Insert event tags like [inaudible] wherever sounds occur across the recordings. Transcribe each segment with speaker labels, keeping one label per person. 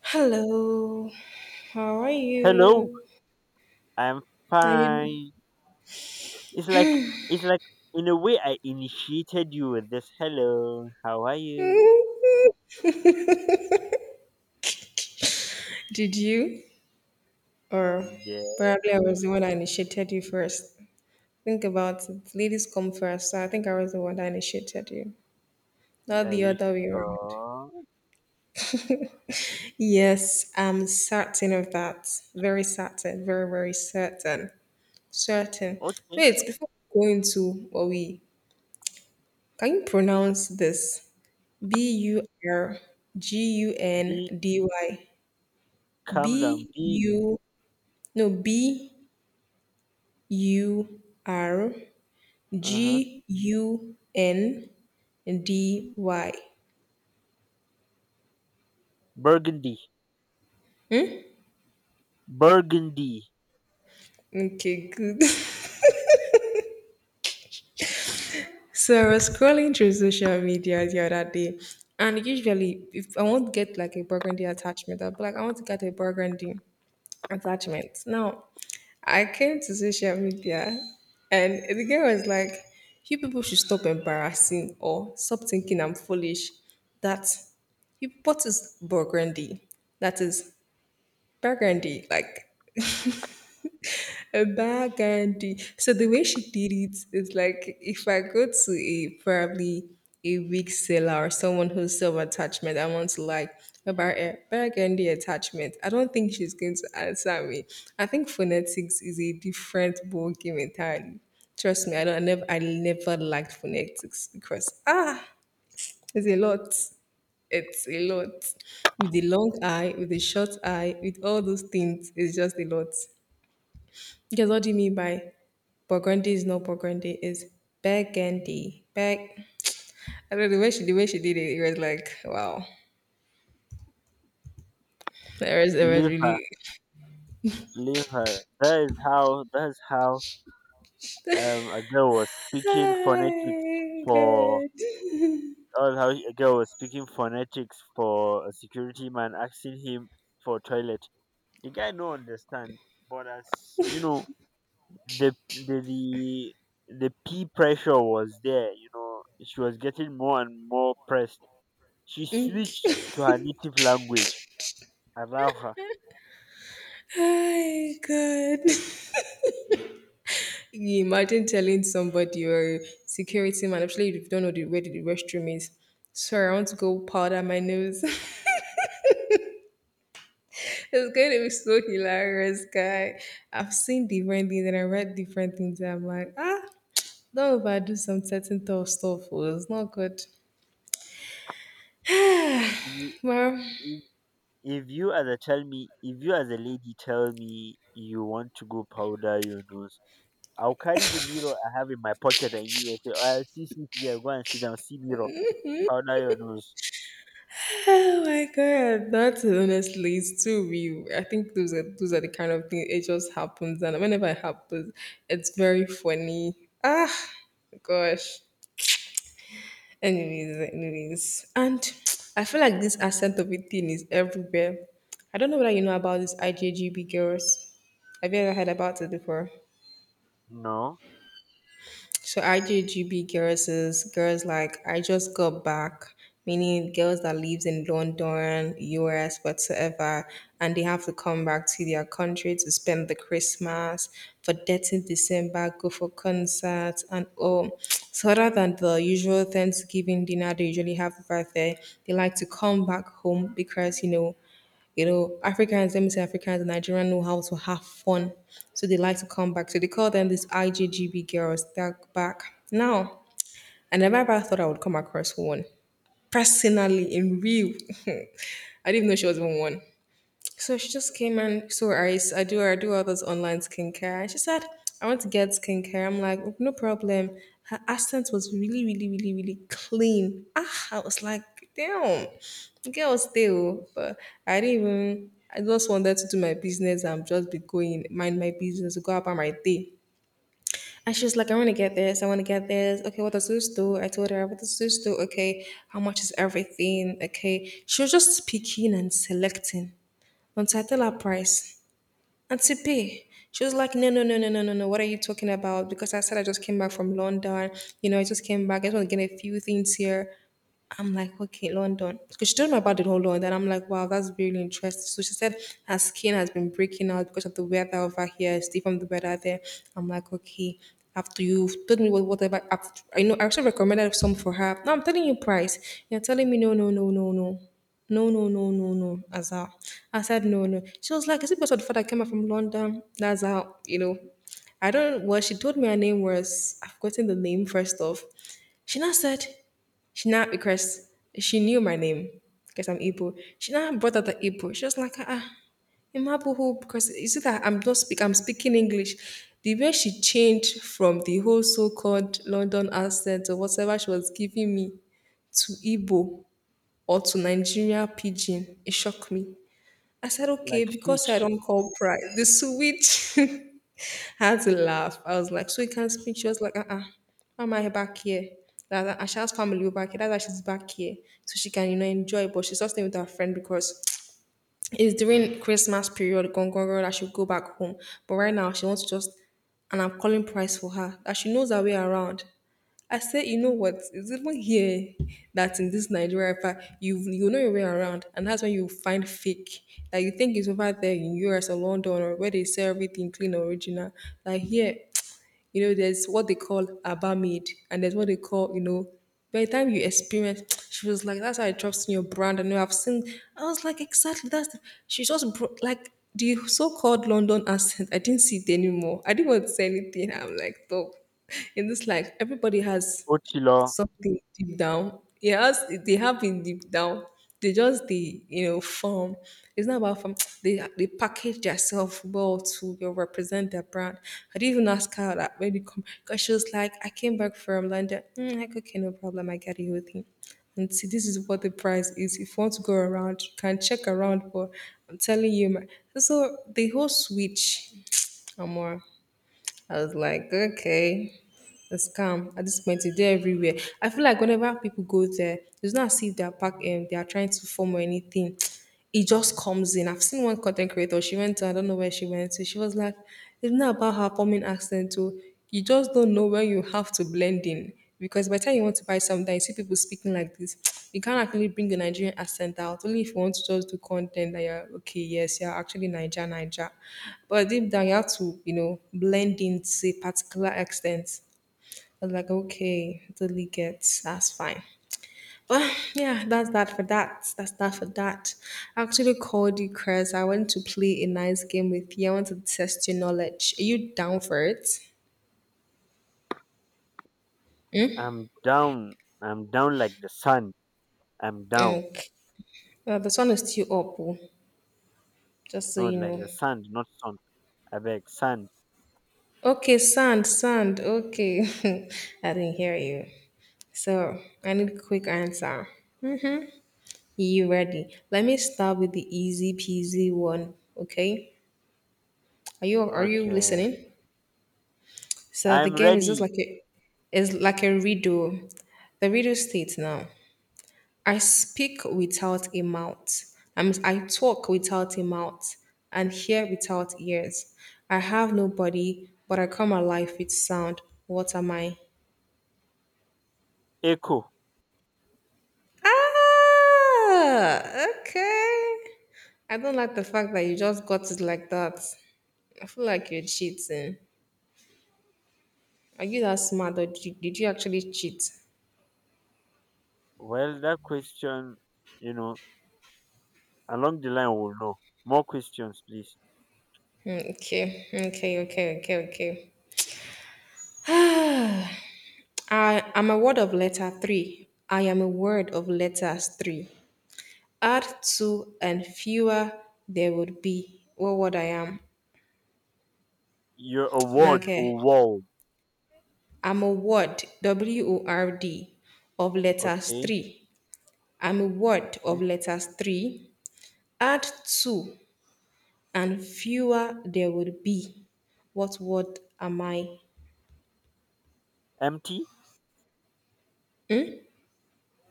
Speaker 1: Hello, how are
Speaker 2: Hello,
Speaker 1: you?
Speaker 2: I'm
Speaker 1: Are you?
Speaker 2: fine. It's like it's like in a way I initiated you with this. Hello, how are you?
Speaker 1: [laughs] Did you? Or
Speaker 2: Yeah,
Speaker 1: probably I was the one that initiated you first. Think about it. Ladies come first, so I think I was the one that initiated you, not
Speaker 2: are
Speaker 1: the
Speaker 2: you
Speaker 1: other way around.
Speaker 2: sure?
Speaker 1: Yes, I'm certain of that. Very certain. Very, very certain. Certain.
Speaker 2: Okay,
Speaker 1: Wait, before we go into what we can you pronounce this? B U R G U N
Speaker 2: be
Speaker 1: D Y. B
Speaker 2: calm down. Be
Speaker 1: U no B U R
Speaker 2: uh huh.
Speaker 1: G U N D Y.
Speaker 2: Burgundy, Burgundy,
Speaker 1: Okay, good. [laughs] So I was scrolling through social media the other day, and usually, if I want to get like a burgundy attachment, I'll be like, I want to get a burgundy attachment. Now, I came to social media and the girl was like, you people should stop embarrassing or stop thinking I'm foolish. That you what is burgundy? That is burgundy, like [laughs] a burgundy. So the way she did it is like if I go to a probably a weak seller or someone who's self attachment, I want to like about a burgundy attachment. I don't think she's going to answer me. I think phonetics is a different ball game entirely. Trust me, I never liked phonetics because it's a lot. It's a lot. With the long eye, with the short eye, with all those things, it's just a lot. Because what do you mean by burgundy is not burgundy, it's burgundy. Bag. I don't know the way she did it, it was like, wow. It was
Speaker 2: leave her,
Speaker 1: really.
Speaker 2: leave her. That is how a girl was speaking phonetics
Speaker 1: Hi
Speaker 2: for
Speaker 1: God.
Speaker 2: that was how a girl was speaking phonetics for a security man asking him for toilet. The guy no understand, but as you know, the the the the peer pressure was there. You know, she was getting more and more pressed. She switched
Speaker 1: [laughs]
Speaker 2: to her native language. Allow her.
Speaker 1: Hi God. Can you imagine telling somebody your security man, especially if you don't know where the restroom is. Sorry, I want to go powder my nose. [laughs] It's going to be so hilarious, guy. I've seen different things and I read different things. And I'm like, don't overdo some certain tough stuff. Oh, it's not good.
Speaker 2: You-
Speaker 1: Well,
Speaker 2: If, if you as a tell me, if you as a lady tell me you want to go powder your nose, I'll carry the mirror I have in my pocket and you will say, "Oh, see, see there. Go and sit down. See mirror. Powder your nose."
Speaker 1: [laughs] oh my god, that honestly is too real. I think those are the kind of things it just happens, and whenever it happens, it's very funny. Ah, gosh. Anyways, anyways. And [tsk] I feel like this accent of it thing is everywhere. I don't know whether you know about this IJGB girls. Have you ever heard about it before?
Speaker 2: No,
Speaker 1: So IGGB girls is girls like I just got back, meaning girls that lives in London, US, whatsoever, and they have to come back to their country to spend the Christmas for 13th December, go for concerts and all. So other than the usual Thanksgiving dinner they usually have over there, they like to come back home because Africans, let me say Africans and Nigerians know how to have fun. So they like to come back. So they call them these IGGB girls. They're back. Now, I never ever thought I would come across one. Personally, in real. [laughs] I didn't even know she was even one. So she just came and so I do all those online skincare. And she said, I want to get skincare. I'm like, no problem. Her accent was really, really, really, really clean. Ah, I was like, damn, girl stay. Oh. But I didn't even I just wanted to do my business and just be going, mind my business, go about my day. And she was like, I want to get this, I want to get this. Okay, what does this do? I told her, what does this do? Okay, how much is everything? Okay. She was just picking and selecting. Once I tell her price and to pay, she was like, no, no, no, no, no, no, no. What are you talking about? Because I said I just came back from London. You know, I just came back. I just want to get a few things here. I'm like, okay, London. Because she told me about the whole London. I'm like, wow, that's really interesting. So she said her skin has been breaking out because of the weather over here. It's different from the weather there. I'm like, okay. After you've told me whatever, after, I know I actually recommended some for her. Now I'm telling you price. You're telling me no, no, no, no, no. No, no, no, no, no, Azar. I said no, no. She was like, is it because of the fact I came up from London? That's how, you know. I don't, well, she told me her name was, I've forgotten the name first off. She now said, she now because she knew my name because I'm Igbo. She now brought out the Igbo. She was like, Imabuhu, because is it that I'm not speak I'm speaking English. The way she changed from the whole so-called London accent or whatever she was giving me to Igbo or to Nigeria pidgin, it shocked me. I said, okay,
Speaker 2: like
Speaker 1: because I
Speaker 2: switch.
Speaker 1: don't call pride. The switch [laughs] I had to laugh. I was like, so you can't speak. She was like, uh-uh, why am I back here? That Asha's family were back here. That's why she's back here. So she can enjoy. But she's not staying with her friend because it's during Christmas period, gone, gone, gone, that she'll go back home. But right now, she wants to just, and I'm calling price for her, that she knows her way around. I said, you know what? It's even here that in this Nigeria, part, you know your way around, and that's when you find fake. Like you think it's over there in US or London or where they sell everything clean, original. Like here, there's what they call Abamid, and there's what they call, by the time you experience, [tsk] she was like, "That's how I trust in your brand." And I've seen, I was like, "Exactly." She just brought like the so-called London accent. I didn't see it anymore. I didn't want to say anything. I'm like, "Though," in this life, everybody has
Speaker 2: Otilo.
Speaker 1: something deep down. It has they have been deep down. They just the form. It's not about form. [tsk] They package themselves well to represent their brand. I didn't even ask her that when you come because she was like, I came back from London. Like okay, no problem. I get the whole thing. And see, this is what the price is. If you want to go around, you can check around. But I'm telling you, so the whole switch, Amor. I was like, okay, a scam at this point. It's there everywhere. I feel like whenever people go there, it's not as if they are trying to form or anything. [tsk] It just comes in. I've seen one content creator. She went to I don't know where she went to. She was like, it's not about her forming accent. Too. You just don't know when you have to blend in because by the time you want to buy something, you see people speaking like this. [tsk] You can't actually bring the Nigerian accent out. Only if you want to just do content that you're okay. Yes, you're actually Niger, Niger. But deep down, you have to blend in to a particular extent. I was like, okay, totally gets that's fine. But yeah, that's that for that. That's that for that. I actually called you, Chris. I want to play a nice game with you. I want to test your knowledge. Are you down for it?
Speaker 2: I'm down. I'm down like the sun. I'm down.
Speaker 1: Okay. This one is still up, oh, just so
Speaker 2: No,
Speaker 1: you
Speaker 2: like
Speaker 1: know.
Speaker 2: the sand, not sun. I beg sand.
Speaker 1: Okay, sand, sand. Okay. [laughs] I didn't hear you. So I need a quick answer. You ready? Let me start with the easy peasy one. Okay. Are you
Speaker 2: Okay.
Speaker 1: listening? So the
Speaker 2: I'm
Speaker 1: game is just
Speaker 2: ready.
Speaker 1: like a is like a riddle. The riddle states now. I speak without a mouth. I mean, I talk without a mouth and hear without ears. I have no body, but I come alive with sound. What am I?
Speaker 2: Echo.
Speaker 1: Ah, okay. I don't like the fact that you just got it like that. I feel like you're cheating. Are you that smart or did you actually cheat?
Speaker 2: Well, that question, you know, along the line we'll know. More questions, please.
Speaker 1: Okay, okay, okay, okay, okay. I am a word of letter 3. I am a word of letters 3. Add 2 and fewer there would be. What word I am? [tsk]
Speaker 2: Your award
Speaker 1: Okay.
Speaker 2: or wall.
Speaker 1: I'm a word, word, of letters
Speaker 2: Okay.
Speaker 1: 3. I'm a word
Speaker 2: Okay.
Speaker 1: of letters 3. Add 2 and fewer there would be. What word am I?
Speaker 2: Empty.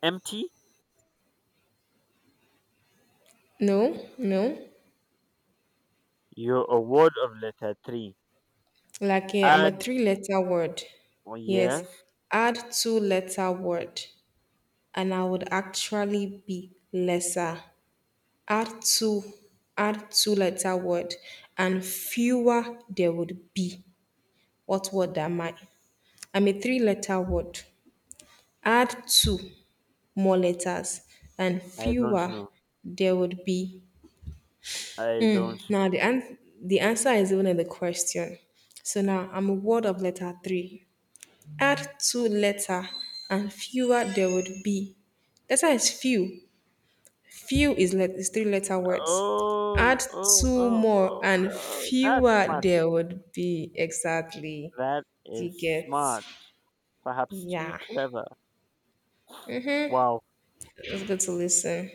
Speaker 2: Empty.
Speaker 1: No, no.
Speaker 2: Your award of letter three.
Speaker 1: Like I'm a
Speaker 2: Add.
Speaker 1: three letter word.
Speaker 2: Oh,
Speaker 1: Yes.
Speaker 2: yes.
Speaker 1: Add two letter word. And I would actually be lesser. Add two, add two letter word, and fewer there would be. What word am I? I'm a three letter word. Add two more letters, and
Speaker 2: I don't
Speaker 1: fewer
Speaker 2: know.
Speaker 1: there would be.
Speaker 2: I
Speaker 1: Hmm.
Speaker 2: don't
Speaker 1: Now the
Speaker 2: know.
Speaker 1: an- the answer is even in the question. So now I'm a word of letter three. Add two letter, and fewer there would be. Letter is few, few is three letter words.
Speaker 2: Oh,
Speaker 1: Add
Speaker 2: oh,
Speaker 1: two
Speaker 2: oh,
Speaker 1: more
Speaker 2: oh,
Speaker 1: and
Speaker 2: oh. That's
Speaker 1: fewer
Speaker 2: smart.
Speaker 1: there would be exactly.
Speaker 2: That
Speaker 1: Do you
Speaker 2: is
Speaker 1: get?
Speaker 2: smart, perhaps too
Speaker 1: Yeah.
Speaker 2: clever. Wow.
Speaker 1: It's good to listen.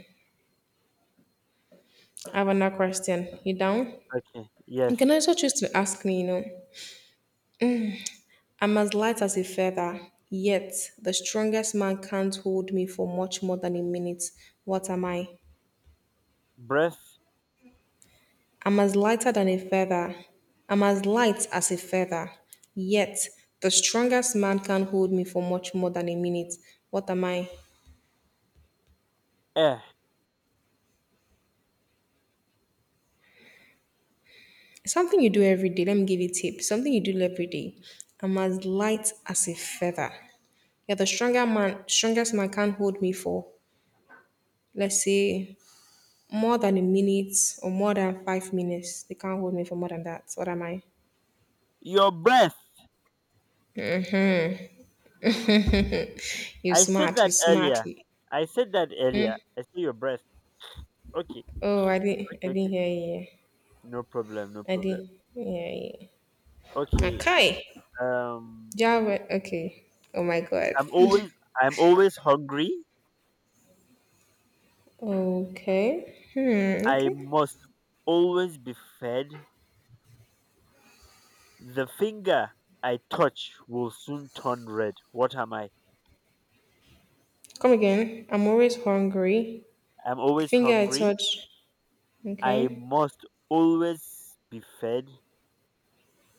Speaker 1: I have another question. You down?
Speaker 2: Okay.
Speaker 1: You
Speaker 2: Yes.
Speaker 1: can also choose to ask me, you know. I'm as light as a feather, yet the strongest man can't hold me for much more than a minute. What am I?
Speaker 2: Breath.
Speaker 1: I'm as lighter than a feather. I'm as light as a feather. Yet, the strongest man can't hold me for much more than a minute. What am I?
Speaker 2: Air.
Speaker 1: Something you do every day. Let me give you a tip. Something you do every day. I'm as light as a feather. Yeah, strongest man can't hold me for, let's say, more than a minute or more than 5 minutes. They can't hold me for more than that. What am I?
Speaker 2: Your breath.
Speaker 1: You
Speaker 2: I said
Speaker 1: smart, you
Speaker 2: that
Speaker 1: smart.
Speaker 2: earlier. I said that earlier. I said your breath. Okay.
Speaker 1: Oh, I
Speaker 2: Okay.
Speaker 1: didn't
Speaker 2: Okay.
Speaker 1: hear you.
Speaker 2: No problem. No
Speaker 1: I
Speaker 2: problem.
Speaker 1: didn't. Yeah, yeah.
Speaker 2: Okay.
Speaker 1: Okay.
Speaker 2: Um.
Speaker 1: Java. Okay. Oh my god.
Speaker 2: I'm always. I'm always hungry.
Speaker 1: Okay. Hmm.
Speaker 2: I
Speaker 1: Okay.
Speaker 2: must always be fed. The finger I touch will soon turn red. What am I?
Speaker 1: Come again. I'm always hungry.
Speaker 2: I'm
Speaker 1: The
Speaker 2: always
Speaker 1: finger I
Speaker 2: hungry.
Speaker 1: touch.
Speaker 2: I
Speaker 1: Okay.
Speaker 2: must always be fed.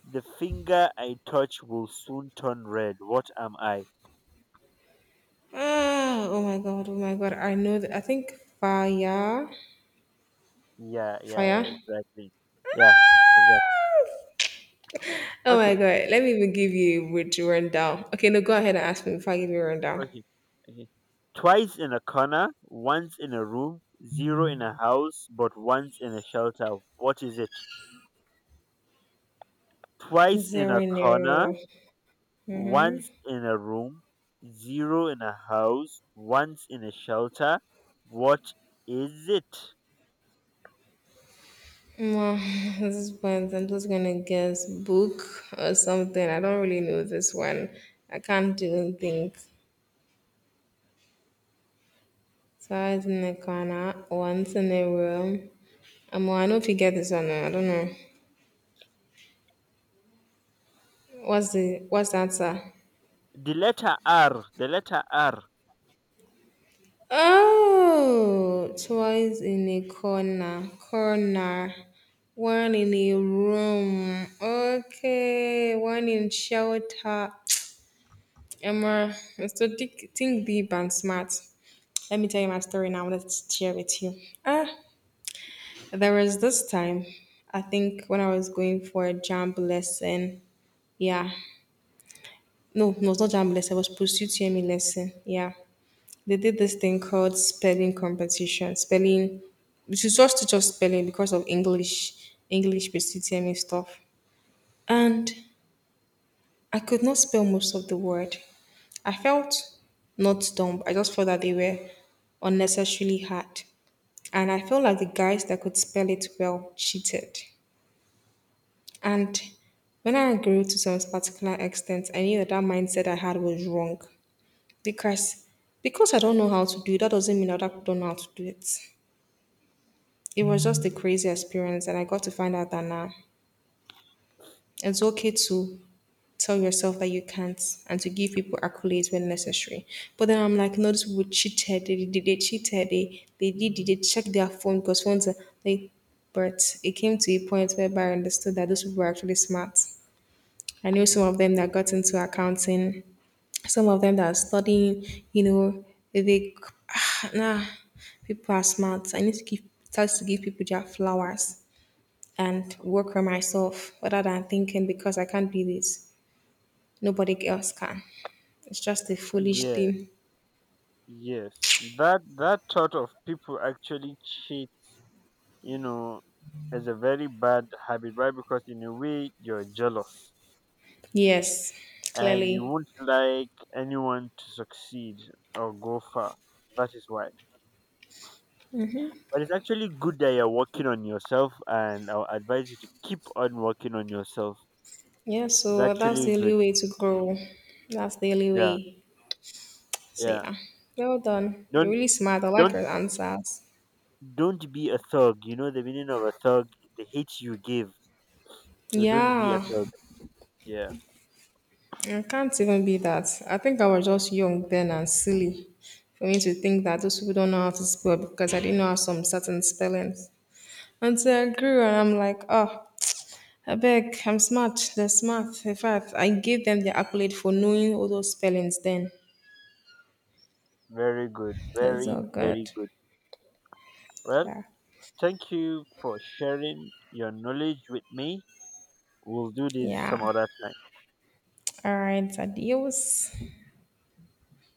Speaker 2: The finger I touch will soon turn red. What am I?
Speaker 1: Ah. Oh my god. Oh my god. I know that. I think fire.
Speaker 2: Yeah, yeah,
Speaker 1: Fire.
Speaker 2: yeah, exactly. Yeah, exactly.
Speaker 1: Ah! Oh
Speaker 2: Okay,
Speaker 1: my god. Let me even give you a rich rundown. Okay. No. Go ahead and ask me if I give you a rundown.
Speaker 2: okay, okay. Twice in a corner, once in a room, zero in a house, but once in a shelter. What is it? Twice in a corner,
Speaker 1: Zero.
Speaker 2: once in a room, zero in a house, once in a shelter. What is it?
Speaker 1: Well, [laughs] at this point, I'm just gonna guess book or something. I don't really know this one. I can't do things. So I was in a corner, once in a room. Well, I don't know if you get this one. Now, I don't know. What's the answer?
Speaker 2: The letter R.
Speaker 1: Oh, twice in a corner, corner, one in a room. Okay, one in shelter. Emma, Mr. Dick, think deep and smart. Let me tell you my story now. I wanted to share with you. Ah, there was this time, I think, when I was going for a jump lesson. Yeah. No, no, it's not jump lesson. It was pursuit TME lesson. Yeah. They did this thing called spelling competition. Spelling, which is just to just spelling because of English pursuit TME stuff. And I could not spell most of the word. I felt not dumb. I just felt that they were unnecessarily hard. And I felt like the guys that could spell it well cheated. And when I grew to some particular extent, I knew that mindset I had was wrong. Because because I don't know how to do it, that doesn't mean that I don't know how to do it. It was just a crazy experience, and I got to find out that now it's okay to tell yourself that you can't and to give people accolades when necessary. But then I'm like, no, these people cheated. They cheated. They did check their phone because phones are like, but it came to a point whereby I understood that those people were actually smart. I knew some of them that got into accounting, some of them that are studying, you know, they [sighs] ah, nah, people are smart. I need to start to give people their flowers and work on myself rather than thinking because I can't do this, nobody else can. It's just a foolish
Speaker 2: Yeah,
Speaker 1: thing.
Speaker 2: yes. That that sort of people actually cheat, you know, is a very bad habit, right? Because in a way you're jealous
Speaker 1: Yes,
Speaker 2: and you
Speaker 1: clearly.
Speaker 2: won't like anyone to succeed or go far. That is why. But it's actually good that you're working on yourself, and I'll advise you to keep on working on yourself.
Speaker 1: Yeah,
Speaker 2: It's
Speaker 1: so that's
Speaker 2: actually
Speaker 1: the only
Speaker 2: good.
Speaker 1: way to grow. That's the only
Speaker 2: Yeah,
Speaker 1: way. So
Speaker 2: yeah.
Speaker 1: yeah, well done. You're really
Speaker 2: Don't
Speaker 1: smart. I like
Speaker 2: don't
Speaker 1: your answers.
Speaker 2: Don't be a thug. You know the meaning of a thug, the hate you give. So don't be a
Speaker 1: Yeah,
Speaker 2: thug. Yeah,
Speaker 1: it can't even be that. I think I was just young then and silly for me to think that those people don't know how to spell because I didn't know how some certain spellings. Until I grew and I'm like, oh, I beg, I'm smart. They're smart. In fact, I gave them the accolade for knowing all those spellings then.
Speaker 2: very good.
Speaker 1: That's
Speaker 2: Very,
Speaker 1: all
Speaker 2: very
Speaker 1: good.
Speaker 2: good. Well,
Speaker 1: Yeah.
Speaker 2: thank you for sharing your knowledge with me. We'll do this some
Speaker 1: Yeah.
Speaker 2: other time.
Speaker 1: All right. Adios.